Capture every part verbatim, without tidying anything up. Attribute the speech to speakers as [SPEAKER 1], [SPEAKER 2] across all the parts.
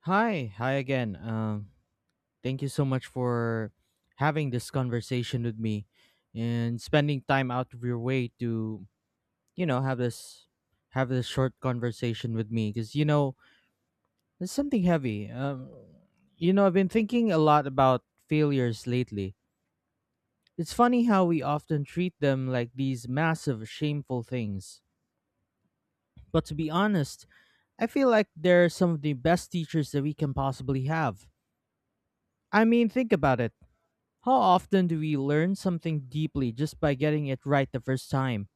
[SPEAKER 1] Hi, hi again. Um, thank you so much for having this conversation with me and spending time out of your way to, you know, have this have this short conversation with me because you know there's something heavy. Um, you know, I've been thinking a lot about failures lately. It's funny how we often treat them like these massive, shameful things. But to be honest, I feel like they're some of the best teachers that we can possibly have. I mean, think about it. How often do we learn something deeply just by getting it right the first time?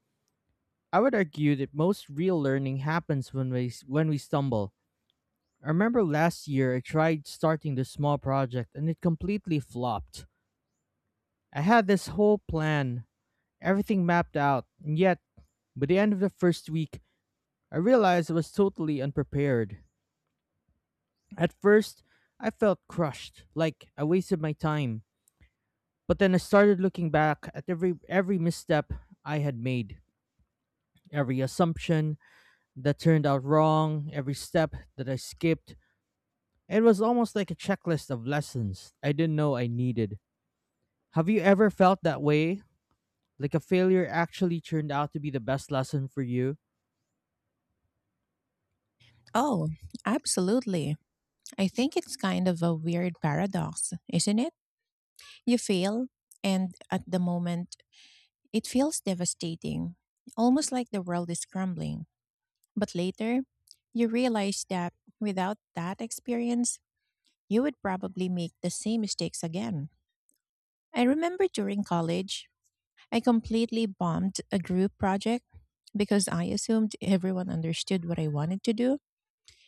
[SPEAKER 1] I would argue that most real learning happens when we when we stumble. I remember last year I tried starting this small project and it completely flopped. I had this whole plan, everything mapped out, and yet by the end of the first week, I realized I was totally unprepared. At first, I felt crushed, like I wasted my time. But then I started looking back at every every misstep I had made, every assumption that turned out wrong, every step that I skipped. It was almost like a checklist of lessons I didn't know I needed. Have you ever felt that way? Like a failure actually turned out to be the best lesson for you?
[SPEAKER 2] Oh, absolutely. I think it's kind of a weird paradox, isn't it? You fail, and at the moment, it feels devastating, almost like the world is crumbling. But later, you realize that without that experience, you would probably make the same mistakes again. I remember during college, I completely bombed a group project because I assumed everyone understood what I wanted to do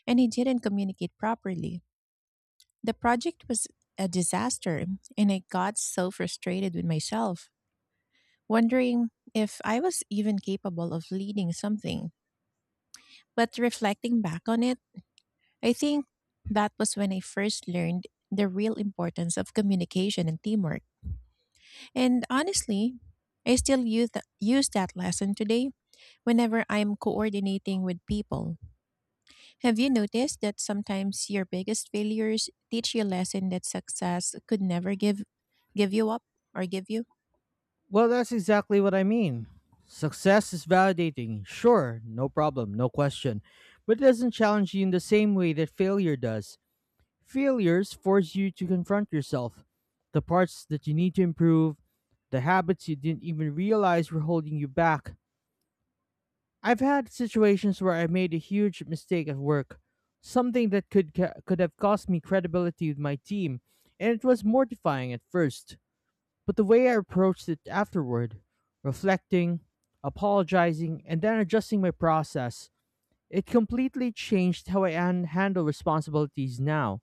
[SPEAKER 2] and I didn't communicate properly. The project was a disaster, and I got so frustrated with myself, wondering if I was even capable of leading something. But reflecting back on it, I think that was when I first learned the real importance of communication and teamwork. And honestly, I still use, th- use that lesson today whenever I'm coordinating with people. Have you noticed that sometimes your biggest failures teach you a lesson that success could never give give you up or give you?
[SPEAKER 1] Well, that's exactly what I mean. Success is validating, sure, no problem, no question, but it doesn't challenge you in the same way that failure does. Failures force you to confront yourself, the parts that you need to improve, the habits you didn't even realize were holding you back. I've had situations where I made a huge mistake at work, something that could ca- could have cost me credibility with my team, and it was mortifying at first. But the way I approached it afterward, reflecting, apologizing, and then adjusting my process, it completely changed how I an- handle responsibilities now.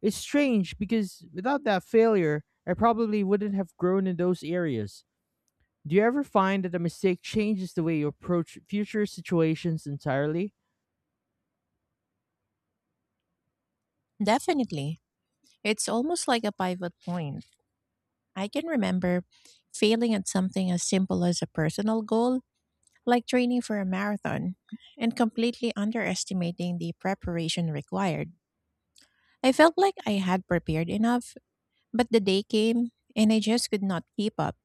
[SPEAKER 1] It's strange because without that failure, I probably wouldn't have grown in those areas. Do you ever find that a mistake changes the way you approach future situations entirely?
[SPEAKER 2] Definitely. It's almost like a pivot point. I can remember failing at something as simple as a personal goal, like training for a marathon, and completely underestimating the preparation required. I felt like I had prepared enough, but the day came and I just could not keep up.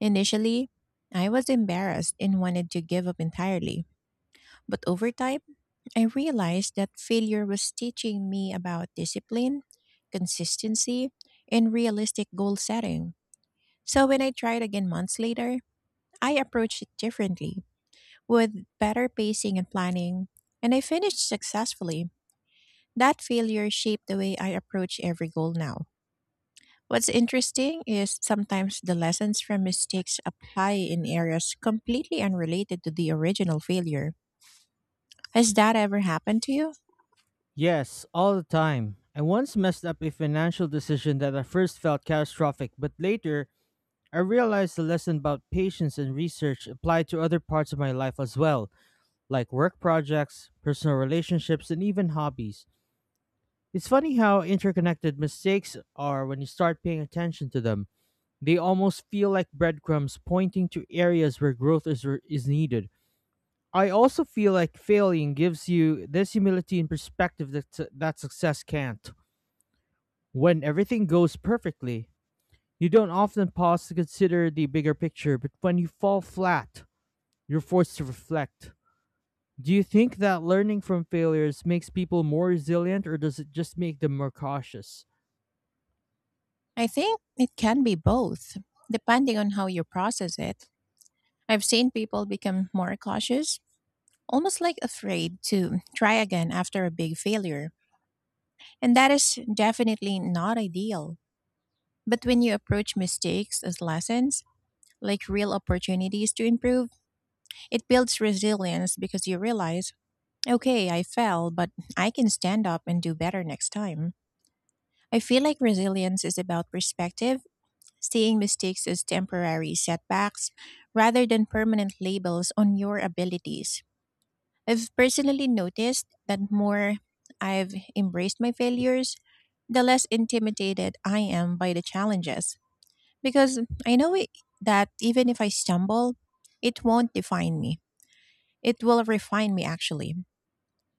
[SPEAKER 2] Initially, I was embarrassed and wanted to give up entirely. But over time, I realized that failure was teaching me about discipline, consistency, and realistic goal setting. So when I tried again months later, I approached it differently, with better pacing and planning, and I finished successfully. That failure shaped the way I approach every goal now. What's interesting is sometimes the lessons from mistakes apply in areas completely unrelated to the original failure. Has that ever happened to you?
[SPEAKER 1] Yes, all the time. I once messed up a financial decision that at first felt catastrophic, but later I realized the lesson about patience and research applied to other parts of my life as well, like work projects, personal relationships, and even hobbies. It's funny how interconnected mistakes are when you start paying attention to them. They almost feel like breadcrumbs pointing to areas where growth is, is needed. I also feel like failing gives you this humility and perspective that, that success can't. When everything goes perfectly, you don't often pause to consider the bigger picture, but when you fall flat, you're forced to reflect. Do you think that learning from failures makes people more resilient, or does it just make them more cautious?
[SPEAKER 2] I think it can be both, depending on how you process it. I've seen people become more cautious, almost like afraid to try again after a big failure. And that is definitely not ideal. But when you approach mistakes as lessons, like real opportunities to improve, it builds resilience because you realize, okay, I fell, but I can stand up and do better next time. I feel like resilience is about perspective, seeing mistakes as temporary setbacks rather than permanent labels on your abilities. I've personally noticed that more I've embraced my failures, the less intimidated I am by the challenges because I know it, that even if I stumble, it won't define me. It will refine me actually.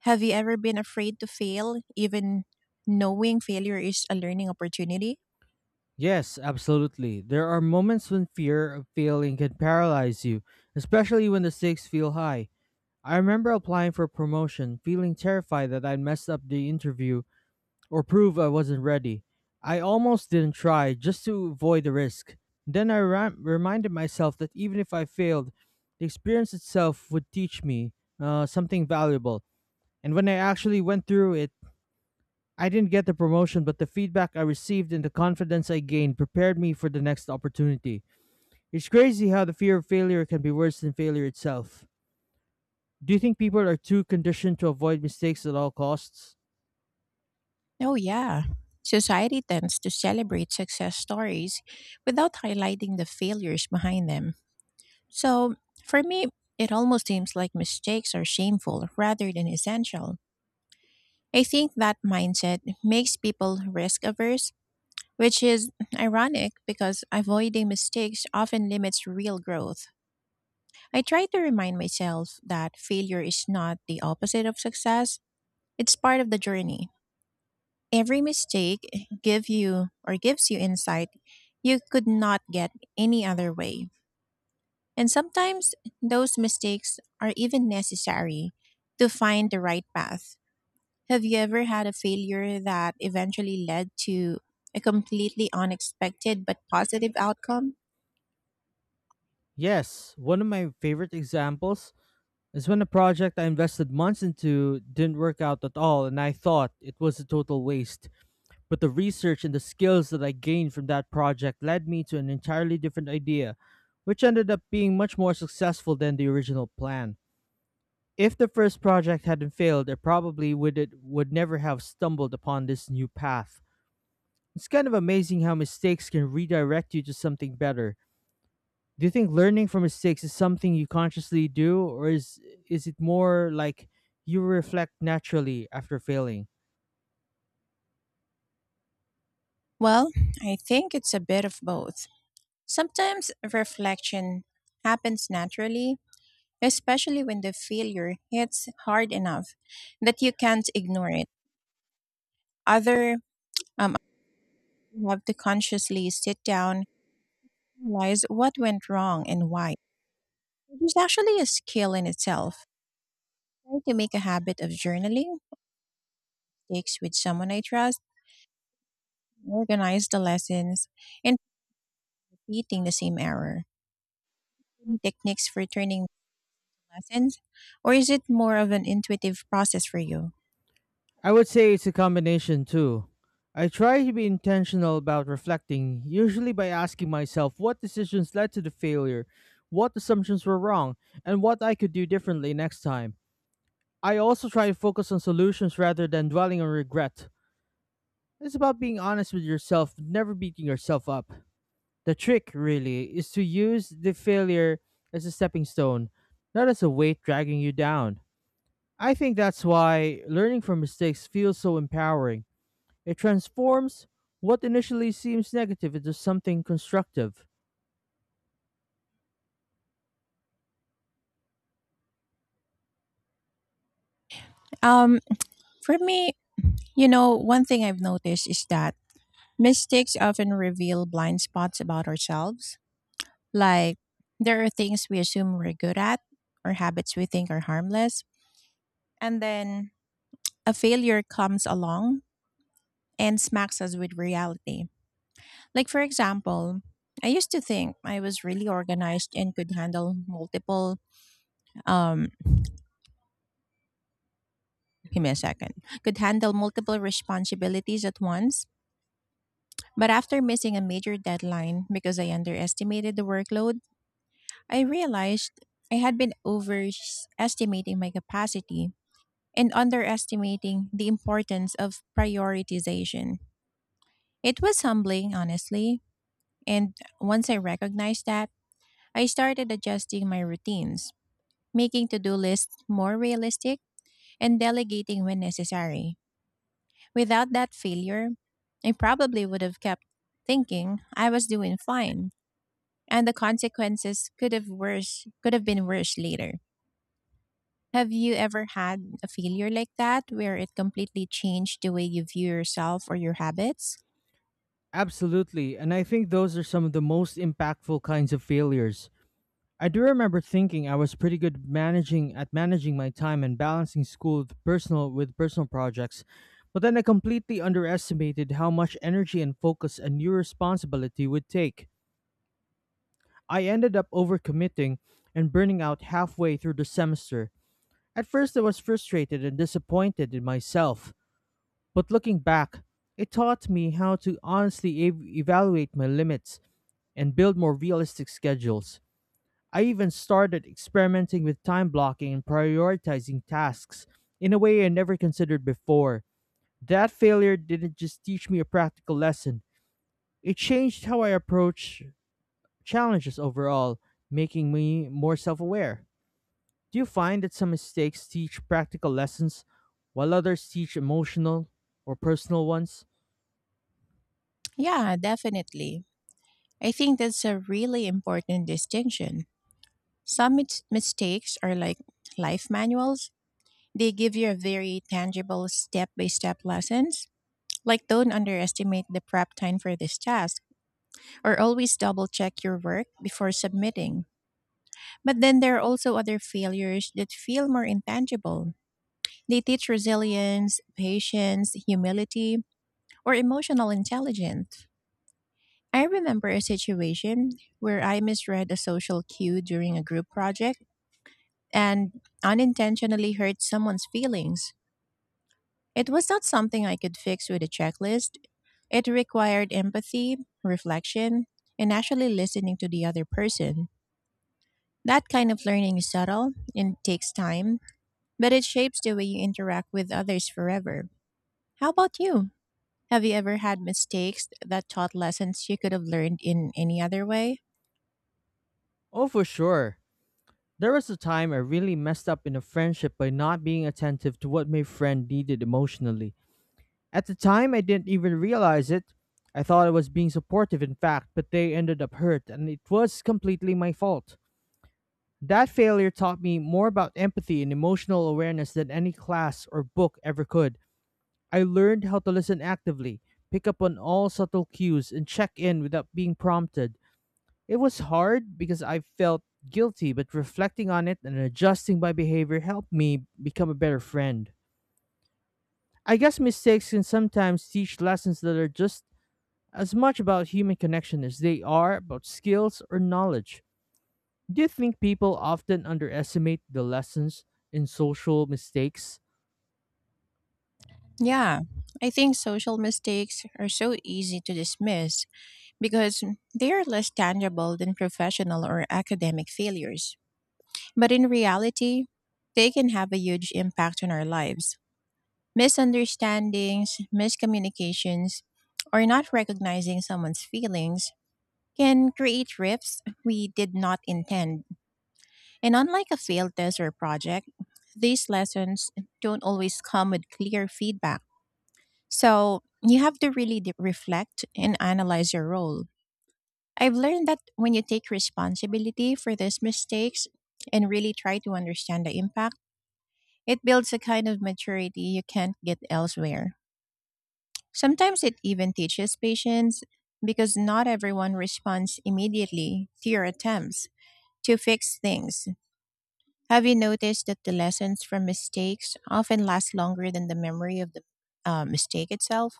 [SPEAKER 2] Have you ever been afraid to fail even knowing failure is a learning opportunity?
[SPEAKER 1] Yes, absolutely. There are moments when fear of failing can paralyze you, especially when the stakes feel high. I remember applying for a promotion, feeling terrified that I'd mess up the interview or prove I wasn't ready. I almost didn't try just to avoid the risk. Then I ra- reminded myself that even if I failed, the experience itself would teach me uh, something valuable. And when I actually went through it, I didn't get the promotion, but the feedback I received and the confidence I gained prepared me for the next opportunity. It's crazy how the fear of failure can be worse than failure itself. Do you think people are too conditioned to avoid mistakes at all costs?
[SPEAKER 2] Oh, yeah. Society tends to celebrate success stories without highlighting the failures behind them. So, for me, it almost seems like mistakes are shameful rather than essential. I think that mindset makes people risk averse, which is ironic because avoiding mistakes often limits real growth. I try to remind myself that failure is not the opposite of success, it's part of the journey. Every mistake give you or gives you insight you could not get any other way. And sometimes those mistakes are even necessary to find the right path. Have you ever had a failure that eventually led to a completely unexpected but positive outcome?
[SPEAKER 1] Yes, one of my favorite examples is when a project I invested months into didn't work out at all and I thought it was a total waste. But the research and the skills that I gained from that project led me to an entirely different idea, which ended up being much more successful than the original plan. If the first project hadn't failed, it probably would it would never have stumbled upon this new path. It's kind of amazing how mistakes can redirect you to something better. Do you think learning from mistakes is something you consciously do, or is is it more like you reflect naturally after failing?
[SPEAKER 2] Well, I think it's a bit of both. Sometimes reflection happens naturally, especially when the failure hits hard enough that you can't ignore it. Other, um, you have to consciously sit down, realize what went wrong and why. Which actually a skill in itself. Try to make a habit of journaling, takes with someone I trust, organize the lessons, and repeating the same error. Any techniques for turning lessons, or is it more of an intuitive process for you?
[SPEAKER 1] I would say it's a combination too. I try to be intentional about reflecting, usually by asking myself what decisions led to the failure, what assumptions were wrong, and what I could do differently next time. I also try to focus on solutions rather than dwelling on regret. It's about being honest with yourself, never beating yourself up. The trick, really, is to use the failure as a stepping stone, not as a weight dragging you down. I think that's why learning from mistakes feels so empowering. It transforms what initially seems negative into something constructive.
[SPEAKER 2] Um, for me, you know, one thing I've noticed is that mistakes often reveal blind spots about ourselves. Like there are things we assume we're good at or habits we think are harmless. And then a failure comes along and smacks us with reality. Like, for example, I used to think I was really organized and could handle multiple, um, give me a second, could handle multiple responsibilities at once. But after missing a major deadline because I underestimated the workload, I realized I had been overestimating my capacity and underestimating the importance of prioritization. It was humbling, honestly, and once I recognized that, I started adjusting my routines, making to do lists more realistic and delegating when necessary. Without that failure, I probably would have kept thinking I was doing fine, and the consequences could have worse could have been worse later. Have you ever had a failure like that where it completely changed the way you view yourself or your habits?
[SPEAKER 1] Absolutely, and I think those are some of the most impactful kinds of failures. I do remember thinking I was pretty good managing at managing my time and balancing school with personal with personal projects, but then I completely underestimated how much energy and focus a new responsibility would take. I ended up overcommitting and burning out halfway through the semester. At first I was frustrated and disappointed in myself, but looking back, it taught me how to honestly ev- evaluate my limits and build more realistic schedules. I even started experimenting with time blocking and prioritizing tasks in a way I never considered before. That failure didn't just teach me a practical lesson, it changed how I approach challenges overall, making me more self aware. Do you find that some mistakes teach practical lessons while others teach emotional or personal ones?
[SPEAKER 2] Yeah, definitely. I think that's a really important distinction. Some mis- mistakes are like life manuals. They give you a very tangible step-by-step lessons, like don't underestimate the prep time for this task or always double check your work before submitting. But then there are also other failures that feel more intangible. They teach resilience, patience, humility, or emotional intelligence. I remember a situation where I misread a social cue during a group project and unintentionally hurt someone's feelings. It was not something I could fix with a checklist. It required empathy, reflection, and actually listening to the other person. That kind of learning is subtle and takes time, but it shapes the way you interact with others forever. How about you? Have you ever had mistakes that taught lessons you could have learned in any other way?
[SPEAKER 1] Oh, for sure. There was a time I really messed up in a friendship by not being attentive to what my friend needed emotionally. At the time, I didn't even realize it. I thought I was being supportive, in fact, but they ended up hurt, and it was completely my fault. That failure taught me more about empathy and emotional awareness than any class or book ever could. I learned how to listen actively, pick up on all subtle cues, and check in without being prompted. It was hard because I felt guilty, but reflecting on it and adjusting my behavior helped me become a better friend. I guess mistakes can sometimes teach lessons that are just as much about human connection as they are about skills or knowledge. Do you think people often underestimate the lessons in social mistakes?
[SPEAKER 2] Yeah, I think social mistakes are so easy to dismiss because they are less tangible than professional or academic failures. But in reality, they can have a huge impact on our lives. Misunderstandings, miscommunications, or not recognizing someone's feelings can create rifts we did not intend. And unlike a failed test or project, these lessons don't always come with clear feedback. So you have to really de- reflect and analyze your role. I've learned that when you take responsibility for these mistakes and really try to understand the impact, it builds a kind of maturity you can't get elsewhere. Sometimes it even teaches patience because not everyone responds immediately to your attempts to fix things. Have you noticed that the lessons from mistakes often last longer than the memory of the uh, mistake itself?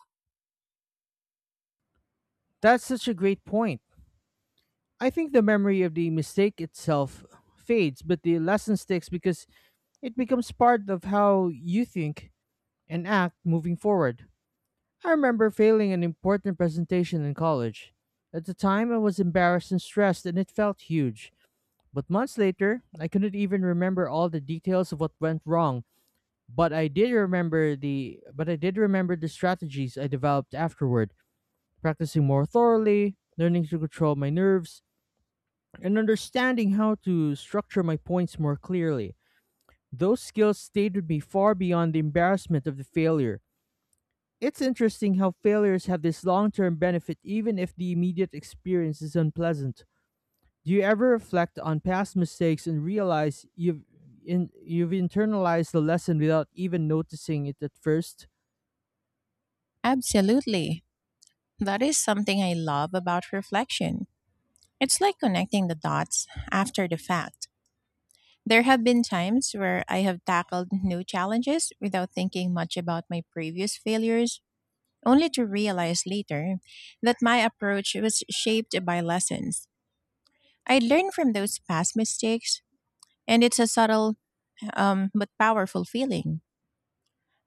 [SPEAKER 1] That's such a great point. I think the memory of the mistake itself fades, but the lesson sticks because it becomes part of how you think and act moving forward. I remember failing an important presentation in college. At the time, I was embarrassed and stressed, and it felt huge. But months later, I couldn't even remember all the details of what went wrong, but I did remember the but I did remember the strategies I developed afterward, practicing more thoroughly, learning to control my nerves, and understanding how to structure my points more clearly. Those skills stayed with me far beyond the embarrassment of the failure. It's interesting how failures have this long-term benefit even if the immediate experience is unpleasant. Do you ever reflect on past mistakes and realize you've in, you've internalized the lesson without even noticing it at first?
[SPEAKER 2] Absolutely. That is something I love about reflection. It's like connecting the dots after the fact. There have been times where I have tackled new challenges without thinking much about my previous failures, only to realize later that my approach was shaped by lessons. I learned from those past mistakes, and it's a subtle um, but powerful feeling.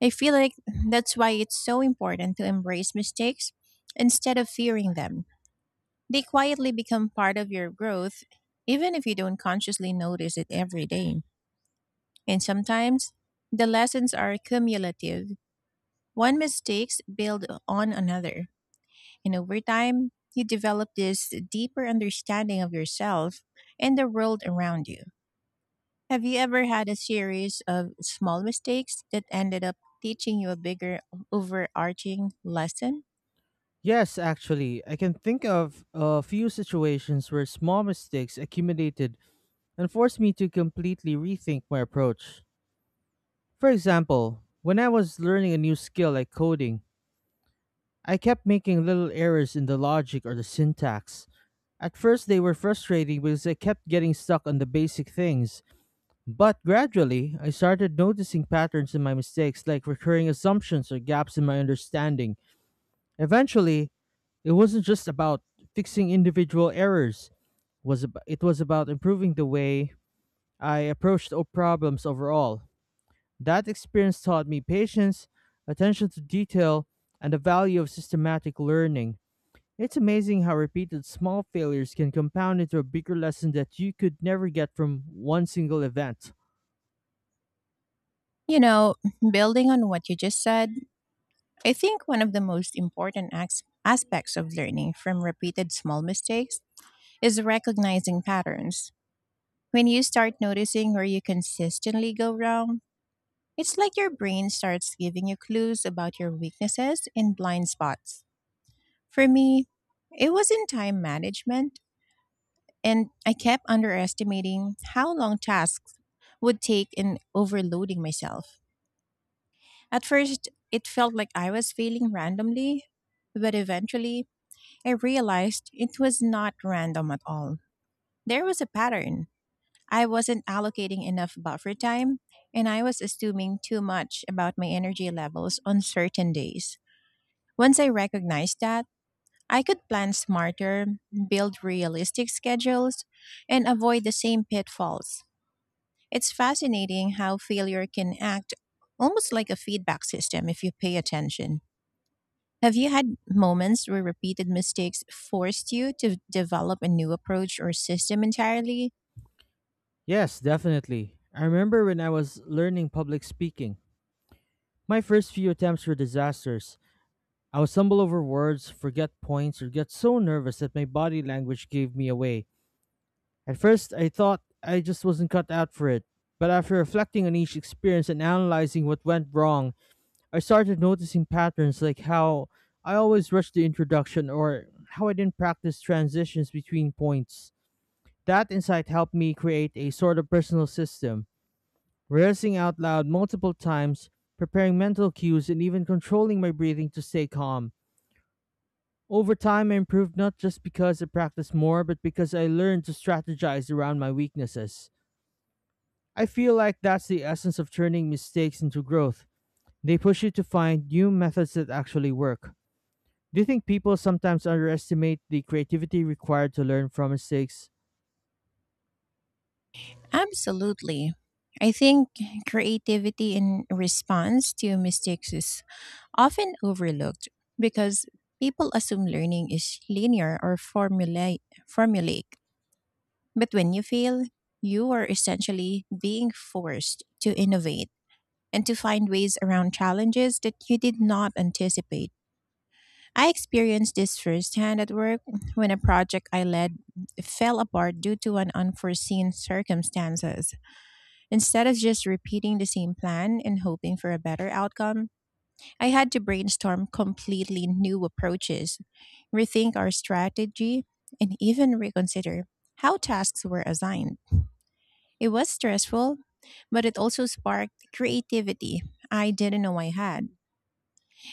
[SPEAKER 2] I feel like that's why it's so important to embrace mistakes instead of fearing them. They quietly become part of your growth, even if you don't consciously notice it every day. And sometimes the lessons are cumulative. One mistakes build on another. And over time, you develop this deeper understanding of yourself and the world around you. Have you ever had a series of small mistakes that ended up teaching you a bigger overarching lesson?
[SPEAKER 1] Yes, actually, I can think of a few situations where small mistakes accumulated and forced me to completely rethink my approach. For example, when I was learning a new skill like coding, I kept making little errors in the logic or the syntax. At first, they were frustrating because I kept getting stuck on the basic things. But gradually, I started noticing patterns in my mistakes, like recurring assumptions or gaps in my understanding. Eventually, it wasn't just about fixing individual errors, was ab- it was about improving the way I approached o- problems overall. That experience taught me patience, attention to detail, and the value of systematic learning. It's amazing how repeated small failures can compound into a bigger lesson that you could never get from one single event.
[SPEAKER 2] You know, building on what you just said, I think one of the most important as- aspects of learning from repeated small mistakes is recognizing patterns. When you start noticing where you consistently go wrong, it's like your brain starts giving you clues about your weaknesses and blind spots. For me, it was in time management. And I kept underestimating how long tasks would take and overloading myself. At first, it felt like I was failing randomly, but eventually, I realized it was not random at all. There was a pattern. I wasn't allocating enough buffer time, and I was assuming too much about my energy levels on certain days. Once I recognized that, I could plan smarter, build realistic schedules, and avoid the same pitfalls. It's fascinating how failure can act almost like a feedback system if you pay attention. Have you had moments where repeated mistakes forced you to develop a new approach or system entirely?
[SPEAKER 1] Yes, definitely. I remember when I was learning public speaking. My first few attempts were disasters. I would stumble over words, forget points, or get so nervous that my body language gave me away. At first, I thought I just wasn't cut out for it. But after reflecting on each experience and analyzing what went wrong, I started noticing patterns like how I always rushed the introduction or how I didn't practice transitions between points. That insight helped me create a sort of personal system, rehearsing out loud multiple times, preparing mental cues, and even controlling my breathing to stay calm. Over time, I improved not just because I practiced more, but because I learned to strategize around my weaknesses. I feel like that's the essence of turning mistakes into growth. They push you to find new methods that actually work. Do you think people sometimes underestimate the creativity required to learn from mistakes?
[SPEAKER 2] Absolutely. I think creativity in response to mistakes is often overlooked because people assume learning is linear or formula- formulaic. But when you fail, you are essentially being forced to innovate and to find ways around challenges that you did not anticipate. I experienced this firsthand at work when a project I led fell apart due to an unforeseen circumstances. Instead of just repeating the same plan and hoping for a better outcome, I had to brainstorm completely new approaches, rethink our strategy, and even reconsider how tasks were assigned. It was stressful, but it also sparked creativity I didn't know I had.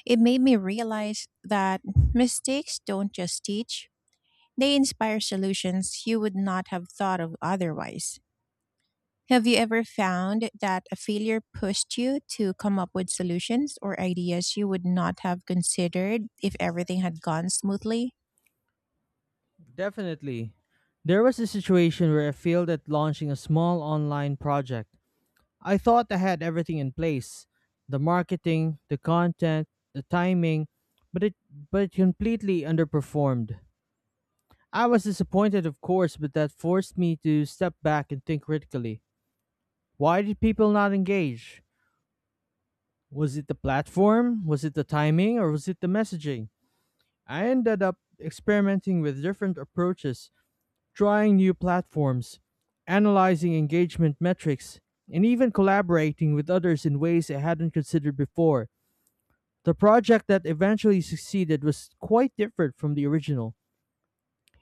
[SPEAKER 2] It made me realize that mistakes don't just teach, they inspire solutions you would not have thought of otherwise. Have you ever found that a failure pushed you to come up with solutions or ideas you would not have considered if everything had gone smoothly?
[SPEAKER 1] Definitely. There was a situation where I failed at launching a small online project. I thought I had everything in place, the marketing, the content, the timing, but it, but it completely underperformed. I was disappointed, of course, but that forced me to step back and think critically. Why did people not engage? Was it the platform? Was it the timing? Or was it the messaging? I ended up experimenting with different approaches, trying new platforms, analyzing engagement metrics, and even collaborating with others in ways I hadn't considered before. The project that eventually succeeded was quite different from the original.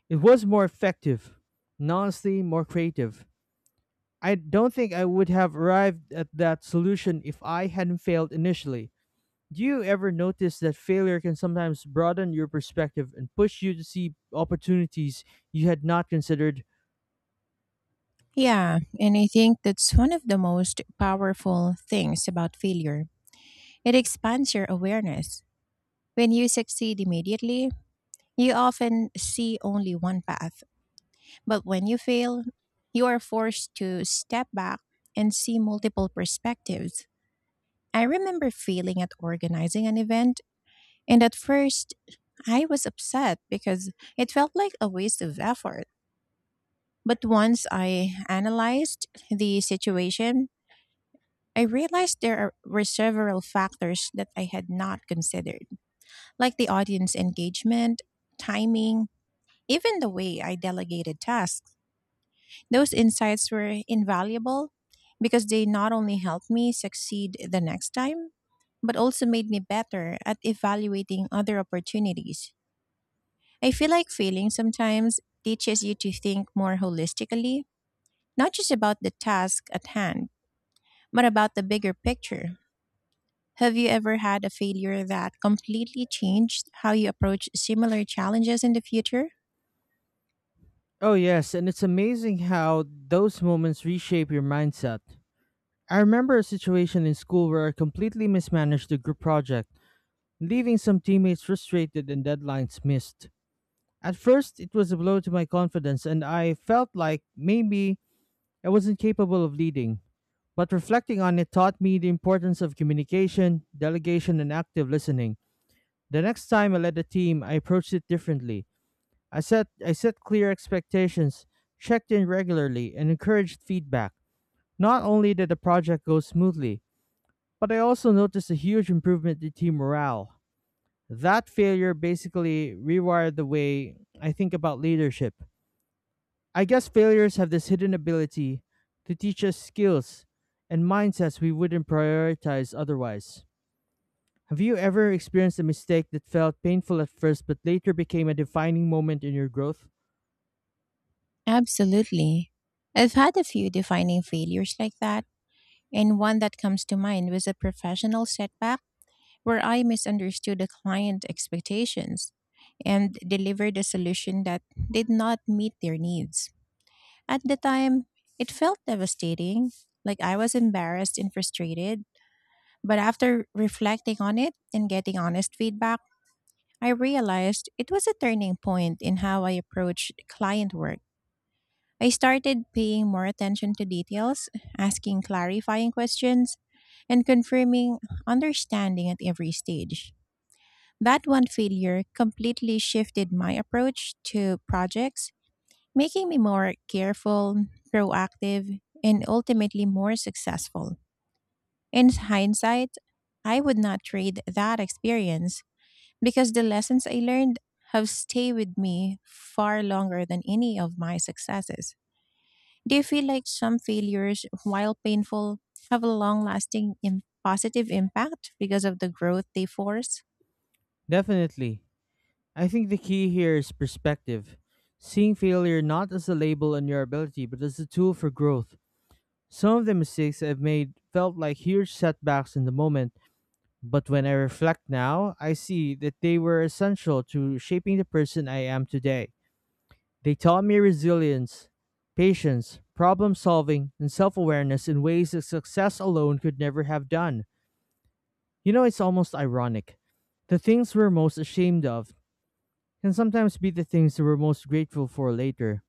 [SPEAKER 1] It was more effective, and honestly, more creative. I don't think I would have arrived at that solution if I hadn't failed initially. Do you ever notice that failure can sometimes broaden your perspective and push you to see opportunities you had not considered?
[SPEAKER 2] Yeah, and I think that's one of the most powerful things about failure. It expands your awareness. When you succeed immediately, you often see only one path. But when you fail, you are forced to step back and see multiple perspectives. I remember failing at organizing an event, and at first I was upset because it felt like a waste of effort. But once I analyzed the situation, I realized there are- were several factors that I had not considered, like the audience engagement, timing, even the way I delegated tasks. Those insights were invaluable because they not only helped me succeed the next time, but also made me better at evaluating other opportunities. I feel like failing sometimes teaches you to think more holistically, not just about the task at hand, but about the bigger picture. Have you ever had a failure that completely changed how you approach similar challenges in the future?
[SPEAKER 1] Oh, yes, and it's amazing how those moments reshape your mindset. I remember a situation in school where I completely mismanaged a group project, leaving some teammates frustrated and deadlines missed. At first, it was a blow to my confidence, and I felt like maybe I wasn't capable of leading. But reflecting on it taught me the importance of communication, delegation, and active listening. The next time I led a team, I approached it differently. I set, I set clear expectations, checked in regularly, and encouraged feedback. Not only did the project go smoothly, but I also noticed a huge improvement in team morale. That failure basically rewired the way I think about leadership. I guess failures have this hidden ability to teach us skills and mindsets we wouldn't prioritize otherwise. Have you ever experienced a mistake that felt painful at first but later became a defining moment in your growth?
[SPEAKER 2] Absolutely. I've had a few defining failures like that. And one that comes to mind was a professional setback where I misunderstood a client expectations and delivered a solution that did not meet their needs. At the time, it felt devastating, like I was embarrassed and frustrated. But after reflecting on it and getting honest feedback, I realized it was a turning point in how I approached client work. I started paying more attention to details, asking clarifying questions, and confirming understanding at every stage. That one failure completely shifted my approach to projects, making me more careful, proactive, and ultimately more successful. In hindsight, I would not trade that experience because the lessons I learned have stayed with me far longer than any of my successes. Do you feel like some failures, while painful, have a long lasting Im- positive impact because of the growth they force?
[SPEAKER 1] Definitely. I think the key here is perspective. Seeing failure not as a label on your ability but as a tool for growth. Some of the mistakes I've made felt like huge setbacks in the moment, but when I reflect now, I see that they were essential to shaping the person I am today. They taught me resilience, patience, problem solving, and self awareness in ways that success alone could never have done. You know, it's almost ironic. The things we're most ashamed of can sometimes be the things that we're most grateful for later.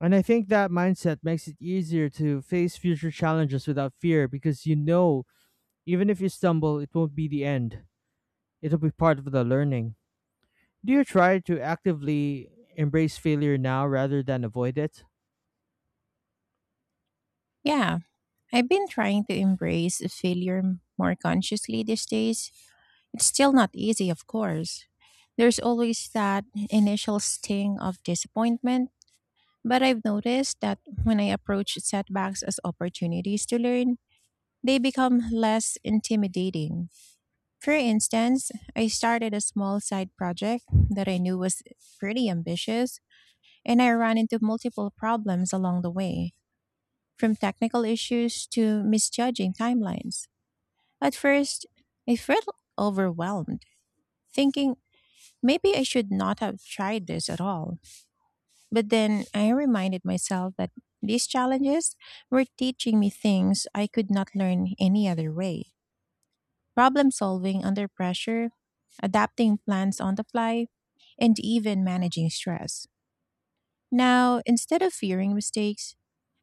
[SPEAKER 1] And I think that mindset makes it easier to face future challenges without fear because, you know, even if you stumble, it won't be the end. It'll be part of the learning. Do you try to actively embrace failure now rather than avoid it?
[SPEAKER 2] Yeah, I've been trying to embrace failure m- more consciously these days. It's still not easy, of course. There's always that initial sting of disappointment, but I've noticed that when I approach setbacks as opportunities to learn, they become less intimidating. For instance, I started a small side project that I knew was pretty ambitious, and I ran into multiple problems along the way, from technical issues to misjudging timelines. At first, I felt overwhelmed, thinking maybe I should not have tried this at all. But then I reminded myself that these challenges were teaching me things I could not learn any other way. Problem solving under pressure, adapting plans on the fly, and even managing stress. Now, instead of fearing mistakes,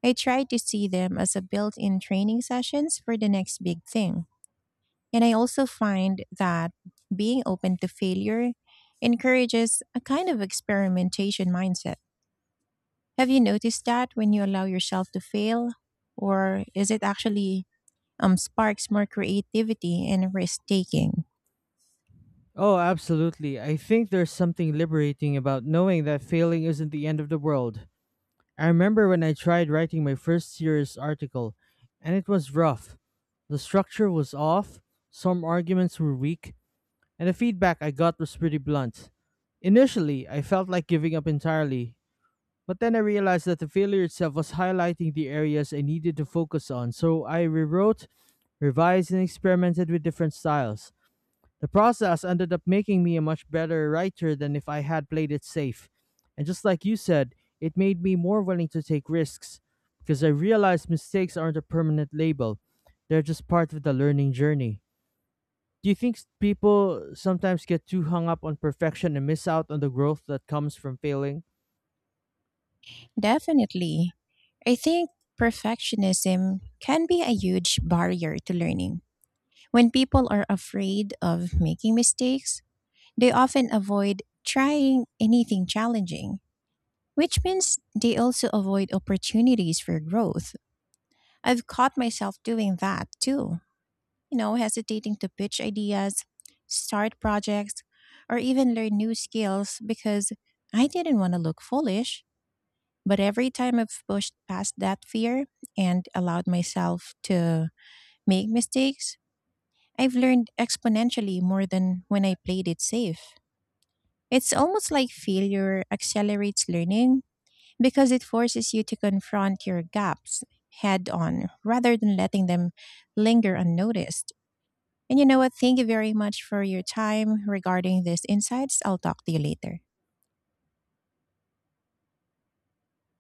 [SPEAKER 2] I try to see them as a built in training sessions for the next big thing. And I also find that being open to failure encourages a kind of experimentation mindset. Have you noticed that when you allow yourself to fail? Or is it actually um, sparks more creativity and risk taking?
[SPEAKER 1] Oh, absolutely. I think there's something liberating about knowing that failing isn't the end of the world. I remember when I tried writing my first serious article, and it was rough. The structure was off, some arguments were weak, and the feedback I got was pretty blunt. Initially, I felt like giving up entirely, but then I realized that the failure itself was highlighting the areas I needed to focus on, so I rewrote, revised, and experimented with different styles. The process ended up making me a much better writer than if I had played it safe. And just like you said, it made me more willing to take risks because I realized mistakes aren't a permanent label, they're just part of the learning journey. Do you think s- people sometimes get too hung up on perfection and miss out on the growth that comes from failing?
[SPEAKER 2] Definitely. I think perfectionism can be a huge barrier to learning. When people are afraid of making mistakes, they often avoid trying anything challenging, which means they also avoid opportunities for growth. I've caught myself doing that too. You know, hesitating to pitch ideas, start projects, or even learn new skills because I didn't want to look foolish. But every time I've pushed past that fear and allowed myself to make mistakes, I've learned exponentially more than when I played it safe. It's almost like failure accelerates learning because it forces you to confront your gaps head on rather than letting them linger unnoticed. And you know what? Thank you very much for your time regarding these insights. I'll talk to you later.